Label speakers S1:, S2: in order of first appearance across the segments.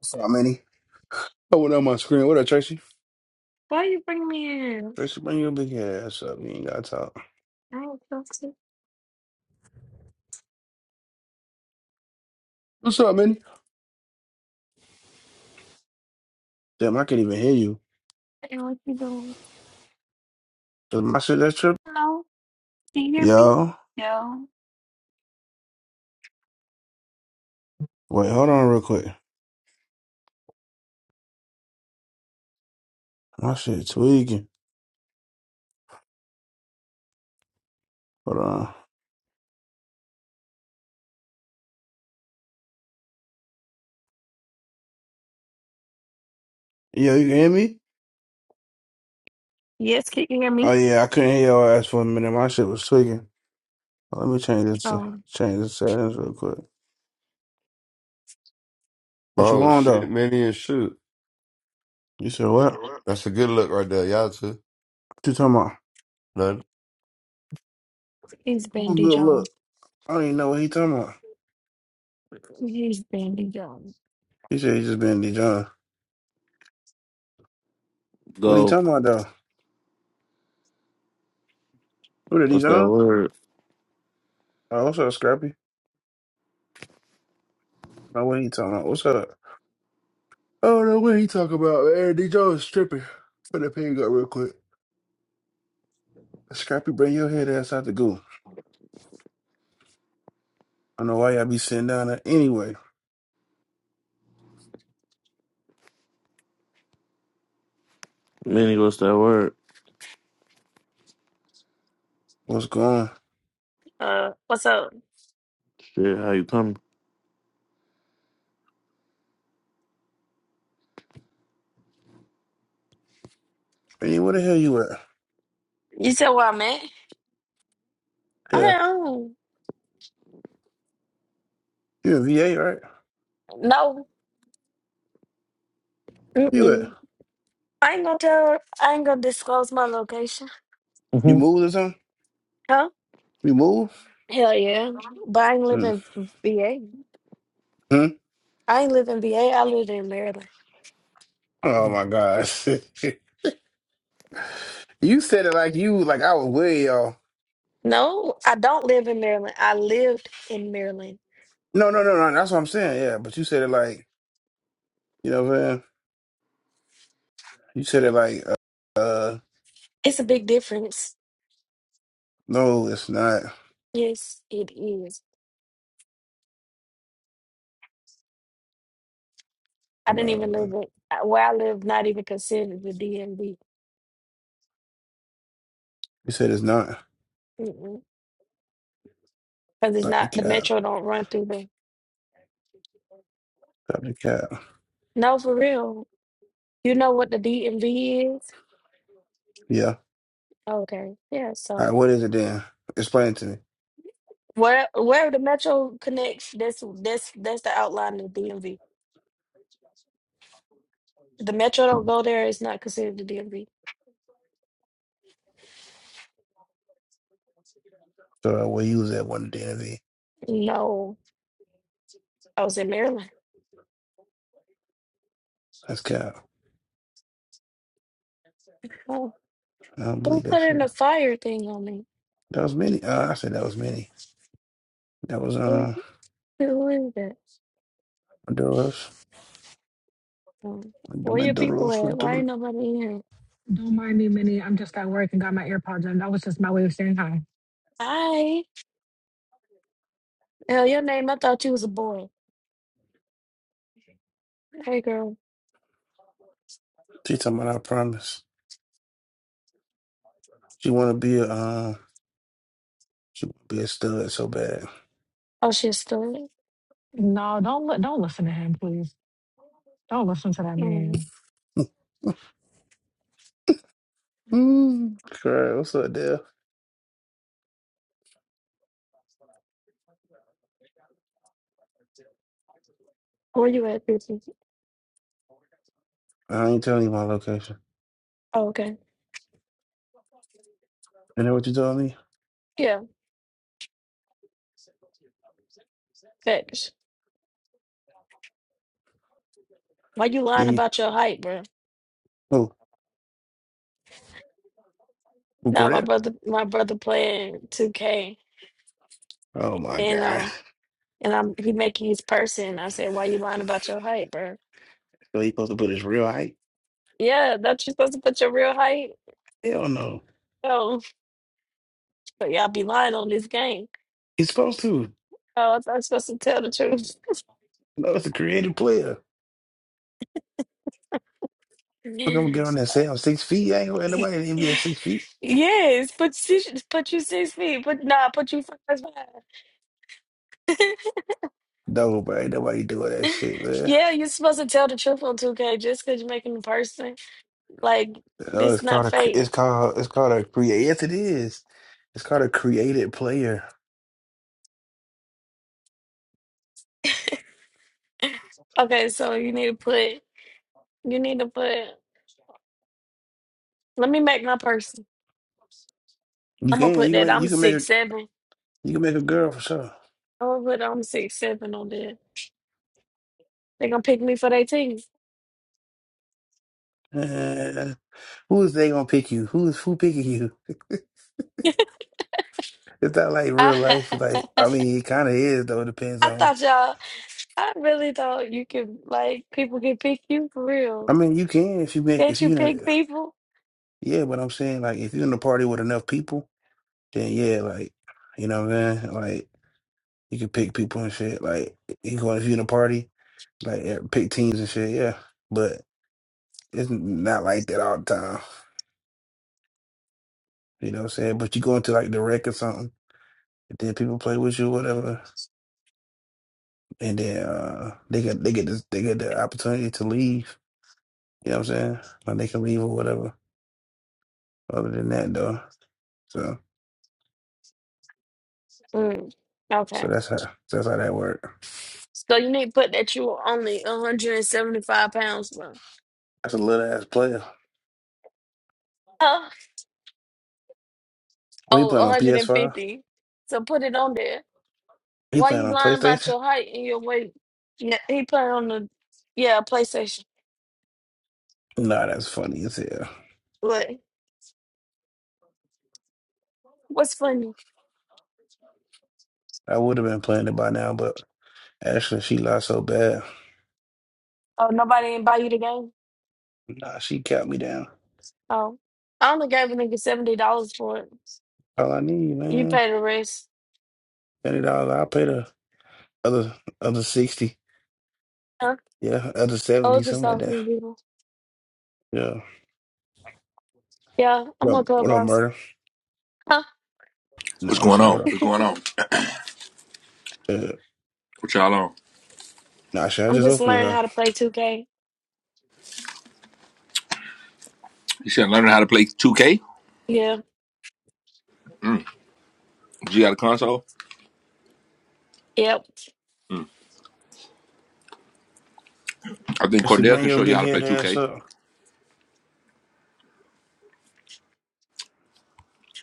S1: What's up, Minnie? I went on my screen. What up, Tracy?
S2: Why you bring me in?
S1: Tracy, bring your big ass up. You ain't got to talk.
S2: I don't feel stupid
S1: What's up, Minnie? Damn, I can't even hear you.
S2: and what you doing.
S1: Is my shit that trip?
S2: Hello? Can you hear me?
S1: Yo,
S2: No.
S1: wait, hold on real quick. My shit tweaking. Hold on. Yo, you can hear me?
S2: Yes, can you hear
S1: Oh,
S2: me?
S1: yeah, I couldn't hear your ass for a minute. My shit was tweaking. Let me change this,
S2: Oh,
S1: change the settings real quick. What you
S3: Oh
S1: want,
S3: shit,
S1: though?
S3: Manny and shoot.
S1: You said
S3: You
S1: what?
S3: said
S1: What
S3: what? That's a good look right there. Y'all too.
S1: you talking about?
S3: None.
S2: he's
S1: Oh,
S2: Bandy
S1: good
S2: Jones.
S1: look. I don't even know what he talking about.
S2: He's Bandy Jones.
S1: He said he just been D John. What he
S4: Go.
S1: talking about, though? Who the D
S4: What's that
S1: John?
S4: word?
S1: Oh, what's up, Scrappy? No, we ain't talking about. What's up? Oh, no, we ain't talking about. Aaron D. Jones stripping. Put the pig up real quick. Scrappy, bring your head ass out the goo. I know why y'all be sitting down there. Anyway,
S4: Minnie, what's that word?
S1: what's going on?
S2: Uh, what's up?
S4: Shit, how you coming?
S1: Man, where the hell you at?
S2: You said where I'm at? I'm
S1: Yeah,
S2: at home.
S1: you in VA, right?
S2: No.
S1: Where you at?
S2: Mm-mm. I ain't gonna tell her. I ain't gonna disclose my location.
S1: You
S4: hmm
S1: moved or something?
S2: Huh?
S1: You moved?
S2: Hell yeah. But I ain't live
S1: Mm-hmm.
S2: in VA. I ain't live in VA. I lived in Maryland.
S1: Oh, my gosh. you said it like you, like I was way, y'all.
S2: No, I don't live in Maryland. I lived in Maryland.
S1: No, no, no, no. That's what I'm saying. Yeah, but you said it like, you know what I'm saying? You said it like, uh, uh
S2: It's a big difference.
S1: no, it's not.
S2: Yes, it is. I
S1: Hold
S2: didn't even
S1: on.
S2: live it uh, where I live, not even considered the DMV.
S1: You said it's not.
S2: Because it's
S1: Dr.
S2: not the
S1: Cal.
S2: metro don't run through the
S1: Dr. Cal.
S2: No, for real. You know what the DMV is?
S1: Yeah.
S2: Okay. Yeah,
S1: All right,
S2: so
S1: what is it then? Explain it to me.
S2: where where the metro connects, that's that's that's the outline of the DMV. The metro don't
S1: Hmm.
S2: go there, it's not considered the DMV.
S1: So uh, we'll use that one day. then.
S2: No. I was in Maryland.
S1: That's Cal.
S2: Oh,
S1: I don't
S2: who
S1: believe that
S2: put in
S1: shit.
S2: the fire thing on me?
S1: That was many. Uh, I said that was many. That was
S2: Who,
S1: uh
S2: who is that?
S1: Maduros.
S2: Um, Where your people
S1: Maduros
S2: at? Why
S1: Maduro.
S2: ain't nobody in?
S5: Don't mind me, Minnie. I'm just at work and got my AirPods in. That was just my way of saying hi.
S2: Hi. Hell, your name, I thought you was a boy. Hey, girl.
S1: She talking about I promise. She wanna be a uh she wanna be a stud so bad.
S2: Oh, she's still.
S5: No, don't li- don't listen to him, please. Don't listen to that man.
S2: Mm.
S1: Mm. Correct. What's up, Dale?
S2: Where you at, Brittany?
S1: I ain't telling you my location.
S2: Oh, okay.
S1: You know what you told me?
S2: Yeah, facts. Why you lying
S1: The
S2: about your height, bro?
S1: who? Who
S2: Now
S1: go
S2: my
S1: there?
S2: brother, my brother playing 2K,
S1: Oh my
S2: and
S1: god.
S2: um, and I'm he making his person. I said, why you lying about your height, bro?
S1: So he's supposed to put his real height?
S2: Yeah, that you supposed to put your real height.
S1: Hell no.
S2: Oh, but y'all be lying on this game.
S1: He's supposed to.
S2: Oh, I thought I was supposed to tell the truth.
S1: No, it's a creative player. Fuck, I'm gonna get on
S2: Yes.
S1: that say I'm six feet. I ain't gonna ain't
S2: Y-
S1: nobody in the NBA six feet.
S2: Yes, put six, put you six feet, but nah, put you five five.
S1: No, but ain't nobody doing that shit, man.
S2: Yeah, you're supposed to tell the truth on 2K just because you're making a person. Like,
S1: No,
S2: this
S1: it's called
S2: not
S1: a cre-
S2: fake.
S1: it's called it's called a create. Yes, it is. It's called a created player.
S2: Okay, so you need to put, you need to put, let me make my person.
S1: You
S2: I'm gonna
S1: can
S2: put
S1: you can
S2: that
S1: make
S2: I'm
S1: you can make a
S2: six seven.
S1: you can make a girl for sure.
S2: I'm gonna put I'm six seven on there. They gonna pick me for their team.
S1: Uh, who is they gonna pick you? Who is who picking you? It's not like
S2: I,
S1: real life. Like I mean, it kind of is though. It depends on.
S2: thought y'all, I really thought you could, like, people could pick you for
S1: I
S2: real.
S1: mean, you can if you make
S2: Can't
S1: if
S2: you
S1: you
S2: pick
S1: know.
S2: people?
S1: Yeah, but I'm saying like if you're in a party with enough people, then yeah, like you know what I'm saying. Like you can pick people and shit. Like you going if you're in a party, like eh, pick teams and shit. Yeah, but it's not like that all the time. You know what I'm saying. But you go into like the wreck or something, and then people play with you, whatever, and then uh, they get they get this, they get the opportunity to leave. You know what I'm saying? Like they can leave or whatever. Other than that, though, so
S2: Mm,
S1: so
S2: okay.
S1: that's how that's how that works.
S2: So you need to put that you were only 175 pounds.
S1: That's a little ass player.
S2: Huh?
S1: What you
S2: Oh,
S1: playing on PS5?
S2: 150. So put it on there.
S1: He
S2: Why
S1: playing
S2: you
S1: on
S2: lying about
S1: PlayStation?
S2: your height and your weight? Yeah, he playing on the yeah PlayStation.
S1: Nah, that's funny as hell.
S2: What? What's funny?
S1: I would have been playing it by now, but actually, she lied so bad.
S2: Oh, nobody didn't buy you the game.
S1: Nah, she capped me down.
S2: Oh, I only gave a nigga seventy dollars for it.
S1: All I need,
S2: You
S1: man,
S2: pay the rest.
S1: twenty dollars. I will pay the other other sixty.
S2: Huh?
S1: Yeah, other
S2: I
S1: seventy,
S2: was just
S1: something like that.
S2: talking to people.
S1: Yeah.
S2: Yeah,
S1: What
S2: I'm a
S1: up, what up
S2: clubhouse.
S1: murder?
S2: Huh?
S6: What's
S1: No, I'm
S6: going
S1: saying what
S6: on?
S1: up.
S6: What's going on?
S1: Uh,
S6: What y'all on?
S1: nah, shit. I
S2: I'm
S1: just
S2: just
S1: opened this?
S2: learning how
S1: Up?
S2: to play 2K.
S6: You said learning how to play 2K?
S2: Yeah.
S6: Mm. You got a console?
S2: Yep.
S6: Mm. I think
S1: Actually,
S6: Cordell
S1: bring
S6: can
S1: your
S6: show you
S1: big
S6: how to play
S1: head ass
S6: 2K.
S1: up.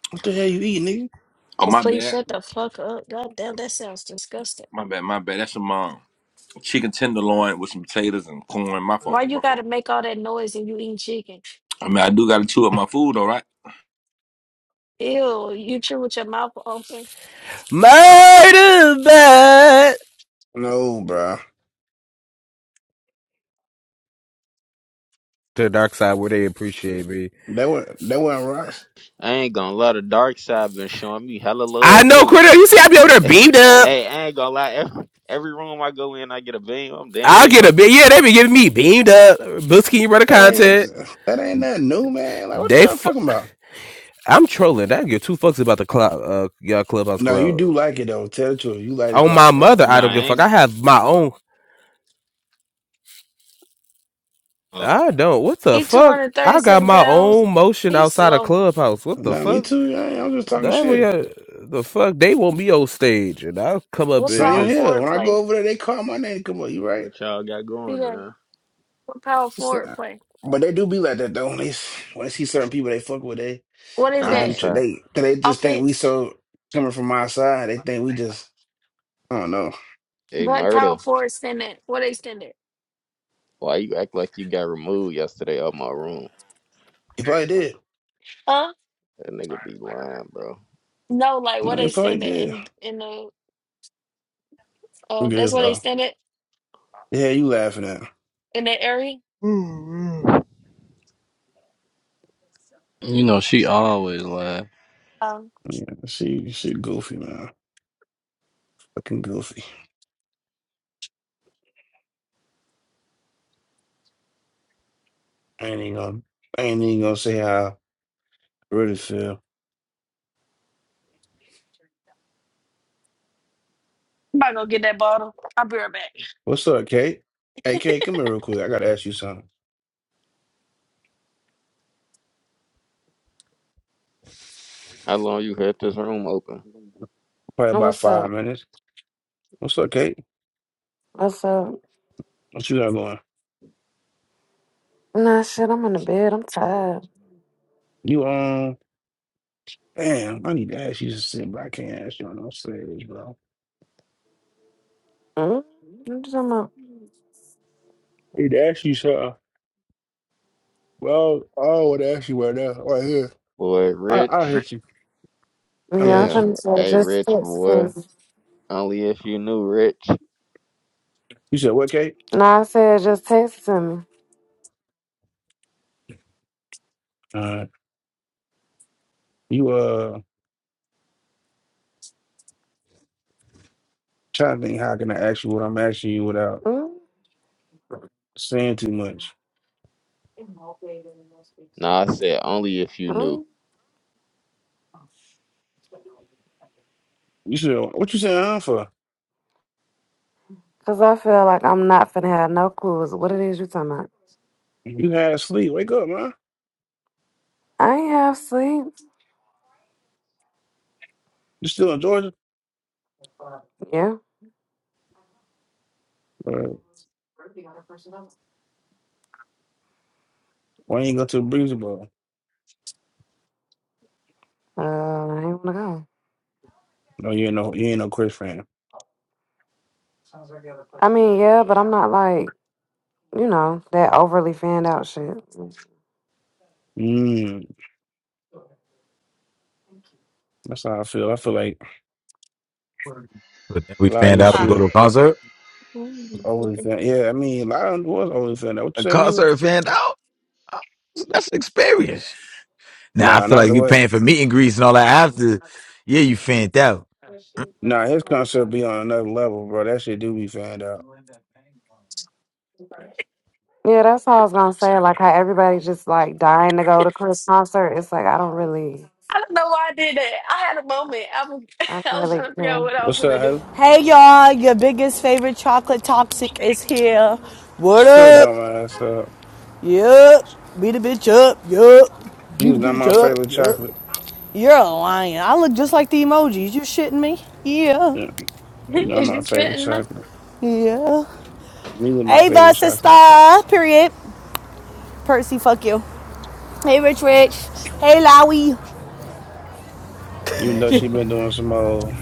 S1: What the hell you eating, nigga?
S6: Oh, my
S2: Just Please
S6: bad.
S2: shut the fuck up. God damn, that sounds disgusting.
S6: My bad, my bad. That's some um, chicken tenderloin with some potatoes and corn. My
S2: Why
S6: fault,
S2: you
S6: my
S2: gotta
S6: fault.
S2: make all that noise and you eating chicken?
S6: I mean, I do got to chew up my food, all right?
S2: Ew, you chew with your mouth open.
S7: Murder bad.
S1: No, bro.
S7: To the dark side where they appreciate me.
S1: That was that wasn't rocks.
S8: I ain't gonna lie, the dark side been showing me hella
S7: I
S8: love
S7: know,
S8: too.
S7: Critter. You see, I be over there beamed up.
S8: Hey, I ain't gonna lie, every, every room I go in, I get a beam. I'm down,
S7: I'll
S8: they
S7: get a
S8: fuck.
S7: bit. Yeah, they be giving me beamed up. Busking you brother
S1: That
S7: content.
S1: ain't that ain't nothing new, man. Like what
S7: They,
S1: y'all
S7: f-
S1: talking about?
S7: I'm trolling. I don't give two fucks about the cloud, uh, y'all clubhouse
S1: No, you
S7: cloud.
S1: do like it though. Tell the truth, you like the
S7: On my
S1: clout, bro.
S7: mother, I
S8: Nah,
S7: don't
S8: I
S7: give a
S8: ain't.
S7: fuck. I have my own.
S8: Oh,
S7: I don't. What the
S2: He
S7: fuck? I got
S2: 237
S7: my
S2: pounds.
S7: own motion
S2: He's
S7: outside of
S2: slow.
S7: clubhouse. What the
S1: No, me
S7: fuck?
S1: too. I, I'm just talking
S7: That
S1: shit.
S7: uh, the fuck? They want me on stage, and I'll come up
S2: What
S7: and
S1: Same
S2: power
S7: just
S1: here.
S2: forward
S1: When I
S2: play?
S1: go over there, they call my name. Come on, you right?
S8: what y'all got
S2: He
S8: going,
S2: like,
S8: man?
S2: what power
S1: It's-
S2: forward
S1: uh,
S2: play?
S1: But they do be like that though. When they when they see certain people they fuck with, they
S2: What is
S1: they
S8: Dark
S1: do
S2: that?
S1: tr-
S8: side.
S1: they cause they just think we
S2: Offense?
S1: so coming from our side. They think we just I don't know.
S8: Hey,
S2: What
S8: murder.
S2: power forward stand at? What they stand at?
S8: Why you act like you got removed yesterday out my room?
S1: He probably did.
S2: Huh?
S8: That nigga be lying, bro.
S2: No, like what
S1: No, he
S2: they
S1: probably
S2: stand at
S1: did.
S2: in in the uh
S1: Look at
S2: that's
S1: this
S2: what they
S1: though.
S2: stand at
S1: Yeah, you laughing at?
S2: in that area.
S8: Mm-hmm.
S9: You know she always lying.
S2: Um
S1: Yeah, she she goofy man. Fucking goofy. I ain't even gonna I ain't even gonna say how I really feel.
S2: I'm about to go get that bottle. I'll be right back.
S1: What's up, Kate? Hey, Kate, come here real quick. I gotta ask you something.
S8: How long you had this room open?
S1: Probably about
S10: What's
S1: five
S10: up?
S1: minutes. What's up, Kate?
S10: What's up?
S1: What you got going?
S10: Nah, shit, I'm in the bed. I'm tired.
S1: You um, damn, I need to ask you something, but I can't ask you on no stage, bro.
S10: Mm? I'm just, I'm up.
S1: I need to ask you something. Well, I would ask you right now, right here.
S8: Boy,
S1: I I'll
S8: Rich.
S1: hit you. I'm gonna
S10: Yeah, I
S1: hit you.
S10: finna
S8: Damn.
S10: say
S8: Hey,
S10: just
S8: Rich,
S10: text it to
S8: boy.
S10: me.
S8: Only if you knew, Rich.
S1: You said what, Kate?
S10: Nah, I said just text it to me.
S1: Uh, you uh, trying to think how can I ask you what I'm asking you without
S10: Mm?
S1: saying too much?
S8: Nah, I said only if you knew.
S10: Mm?
S1: You said what you saying huh, for?
S10: Cause I feel like I'm not finna have no clues what it is you talking about.
S1: You had sleep. Wake up, man.
S10: I ain't have sleep.
S1: You still in Georgia?
S10: Yeah.
S1: Why you ain't go to the Breezy Bowl?
S10: Uh, I ain't wanna go.
S1: No, you ain't no you ain't no Chris fan.
S10: I mean, yeah, but I'm not like, you know, that overly fanned out shit.
S1: Mm, that's how I feel. I feel like
S11: But then we
S1: a lot of
S12: we
S11: fanned
S1: these
S11: out if we
S1: shit
S11: go to a
S12: toxic.
S11: concert.
S1: was older
S10: Mm.
S1: than yeah, I mean a lot of them was older than that. What you
S11: A
S1: say, Mila?
S11: concert fanned out. Uh, That's an experience. Now I
S1: Nah,
S11: feel
S1: not
S11: like
S1: the
S11: you
S1: way.
S11: paying for meet and greets and all that after. Yeah, you fanned out.
S1: Nah, his concept be on another level, bro. That shit do be fanned out.
S10: Yeah, that's how I was gonna say. Like how everybody just like dying to go to Chris concert. It's like I don't really.
S2: I don't know why I did that. I had a moment. I was
S10: I don't
S2: I was
S10: really
S2: trying to figure
S10: care.
S2: out what I was
S1: What's up,
S2: gonna do.
S1: Haley?
S13: Hey y'all, your biggest favorite chocolate toxic is here. What
S1: Still
S13: up?
S1: dumb ass up.
S13: Yup. Beat a bitch up. Yup.
S1: You
S13: Beat a
S1: was not
S13: bitch
S1: my
S13: up.
S1: favorite
S13: Yup.
S1: chocolate.
S13: You're a lion. I look just like the emojis. You shitting me? Yeah.
S1: Yeah, you know
S2: is
S1: my
S2: you
S1: favorite
S2: fitting me?
S1: chocolate.
S13: Yeah.
S1: Mila my favorite
S13: Ava,
S1: chocolate.
S13: sister. Period. Percy, fuck you. Hey, Rich Rich. Hey, Lowy.
S1: Even though she been doing some old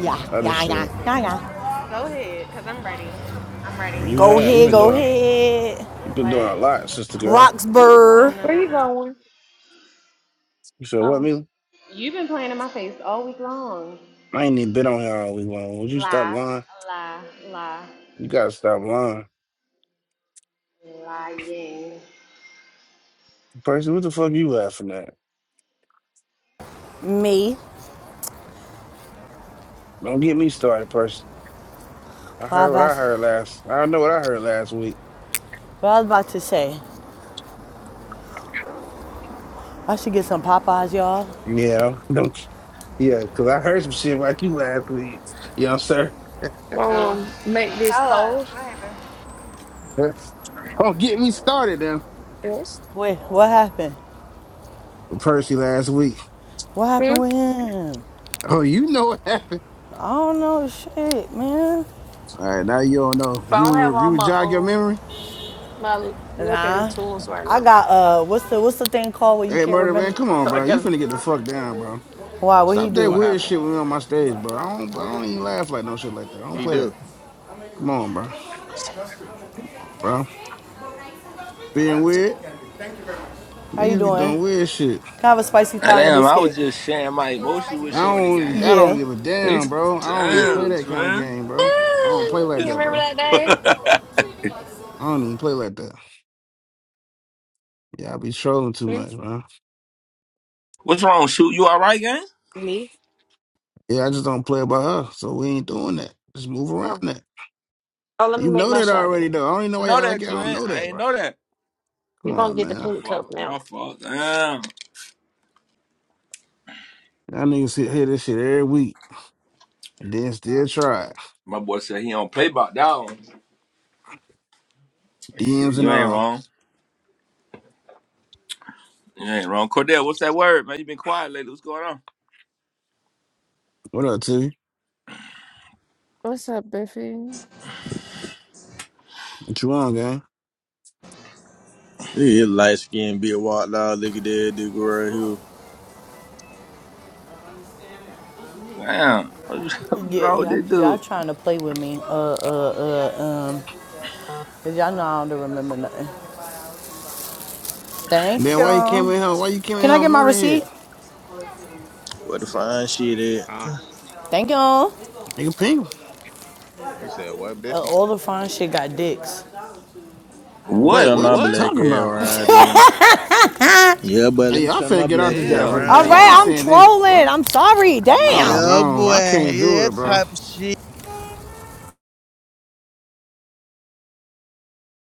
S13: Yeah,
S1: other
S13: yeah,
S1: shit.
S13: yeah, yeah, yeah.
S12: Go ahead, because I'm ready. I'm ready.
S1: You
S13: Go
S1: have you
S13: ahead,
S1: been
S13: go
S1: doing
S13: ahead.
S1: you been doing a
S12: What?
S1: lot, sister girl.
S12: Oh,
S13: Roxburgh.
S12: no,
S2: Where
S12: no,
S2: you
S12: no.
S2: going?
S1: You said what,
S2: Oh.
S1: Mila?
S12: You've been playing in my face all week long.
S1: I ain't even been on here all week long. Would you stop
S12: Lie.
S1: lying?
S12: Lie, lie,
S1: You gotta stop lying.
S12: lying.
S1: Person, what the fuck you laughing at?
S13: Me.
S1: Don't get me started, person. I
S13: What
S1: heard what I
S13: was
S1: heard last. I know what I heard last week.
S13: what I was about to say. I should get some Popeyes, y'all.
S1: Yeah, don't. Yeah, cause I heard some shit like you last week. You know, what I'm saying?
S12: Oh,
S2: um make this
S12: tell us,
S2: cold.
S12: what happened?
S1: That's- Don't get me started, then
S2: Yes.
S13: Wait, what happened?
S1: Percy last week.
S13: What happened
S2: Hmm?
S13: with him?
S1: Oh, you know what happened.
S13: I don't know shit, man.
S1: All right, now you don't know.
S2: But
S1: You
S2: I don't have
S1: would- you
S2: all
S1: would
S2: my
S1: jog your
S2: um
S1: memory.
S2: my locator
S13: Nah.
S2: tools right
S13: I
S2: now.
S13: got uh what's the what's the thing called where you
S1: Hey,
S13: can't
S1: murder man,
S13: remember?
S1: come on,
S2: So I
S1: bro. You
S2: gotta
S1: finna get the fuck down, bro.
S13: Why, what he
S1: Stop that
S13: do?
S8: What
S1: weird
S8: happened?
S1: shit when we on my stage, bro. I don't, I don't even laugh like no shit like that. I don't
S8: He
S1: play
S8: do.
S1: that. Come on, bro, bro. Being weird,
S13: How you
S1: niggas be
S13: doing?
S1: doing weird shit.
S13: Can I have a spicy
S6: Ah,
S13: thigh and a
S6: Damn, I was
S13: biscuit?
S6: just sharing my emotions with
S1: I
S6: Shorty,
S1: don't,
S6: gang.
S1: I don't
S13: Yeah.
S1: give a damn, bro. I don't even play
S6: Damn,
S1: that kind of
S6: twin.
S1: game, bro. I don't play like
S2: you
S1: that,
S2: remember
S1: bro.
S2: that day?
S1: I don't even play like that. Yeah, I be trolling too
S2: Hmm?
S1: much, man.
S6: What's wrong, shoot? You all right, gang?
S2: Me?
S1: Yeah, I just don't play about her, so we ain't doing that. Just move around
S2: Oh.
S1: that.
S2: oh, let me
S1: You
S2: make
S1: know
S2: my
S1: that
S2: shot
S1: already,
S2: then.
S1: though. I don't even know
S6: You
S1: why
S6: know
S1: y'all like
S6: that,
S1: y'all don't
S6: twin.
S1: know
S6: I
S1: that,
S6: ain't
S1: bro.
S6: know that.
S1: Come
S2: We're gonna
S1: on,
S2: get the
S1: man.
S6: My
S2: pink cup
S6: fault, my
S2: now.
S6: fault. Damn.
S1: Y'all niggas sit- hear this shit every week and then still try it.
S6: My boy said he don't play about that one. Shit,
S1: DMs and
S6: you ain't
S1: all.
S6: wrong. You ain't wrong. Cordell, what's that word, man? You been quiet lately. What's going on?
S1: What up, T?
S14: What's up, Biffy?
S1: What you on, gang?
S15: Look at light skin be a walked out. Look at that dude right here.
S6: Damn. What's, what's
S13: Yeah,
S6: wrong with
S13: y'all,
S6: this
S13: y'all
S6: dude?
S13: trying to play with me. Uh, uh, uh, um, cause y'all know I don't remember nothing. Thank
S1: Then
S13: you.
S1: why you came
S13: all
S1: in here? Why you came in
S13: Can I
S1: here
S13: get my
S1: murder
S13: receipt?
S1: head?
S15: What the fine shit at?
S8: Huh?
S13: Thank you. Uh,
S1: Nigga pink.
S8: You said what, Biffy?
S13: all the fine shit got dicks.
S15: Let me
S1: Wait,
S6: What?
S15: turn my
S1: what you
S6: What?
S15: black
S1: talking
S15: hair
S1: about?
S15: around in. Yeah, boy, let
S1: Hey,
S15: me
S1: I
S15: turn my
S1: finna get out
S15: black
S1: this
S15: hair
S1: job for
S6: Hell
S1: the
S13: All
S1: day.
S15: around
S1: Y'all
S13: right,
S15: in.
S6: no.
S13: I'm
S1: saying
S6: What
S1: this.
S6: the
S13: trolling.
S6: fuck?
S13: I'm sorry.
S1: I'm
S13: Damn.
S15: Yeah,
S1: gone.
S15: boy,
S1: I
S15: yeah,
S1: can't do it,
S15: that
S1: bro.
S15: type of shit.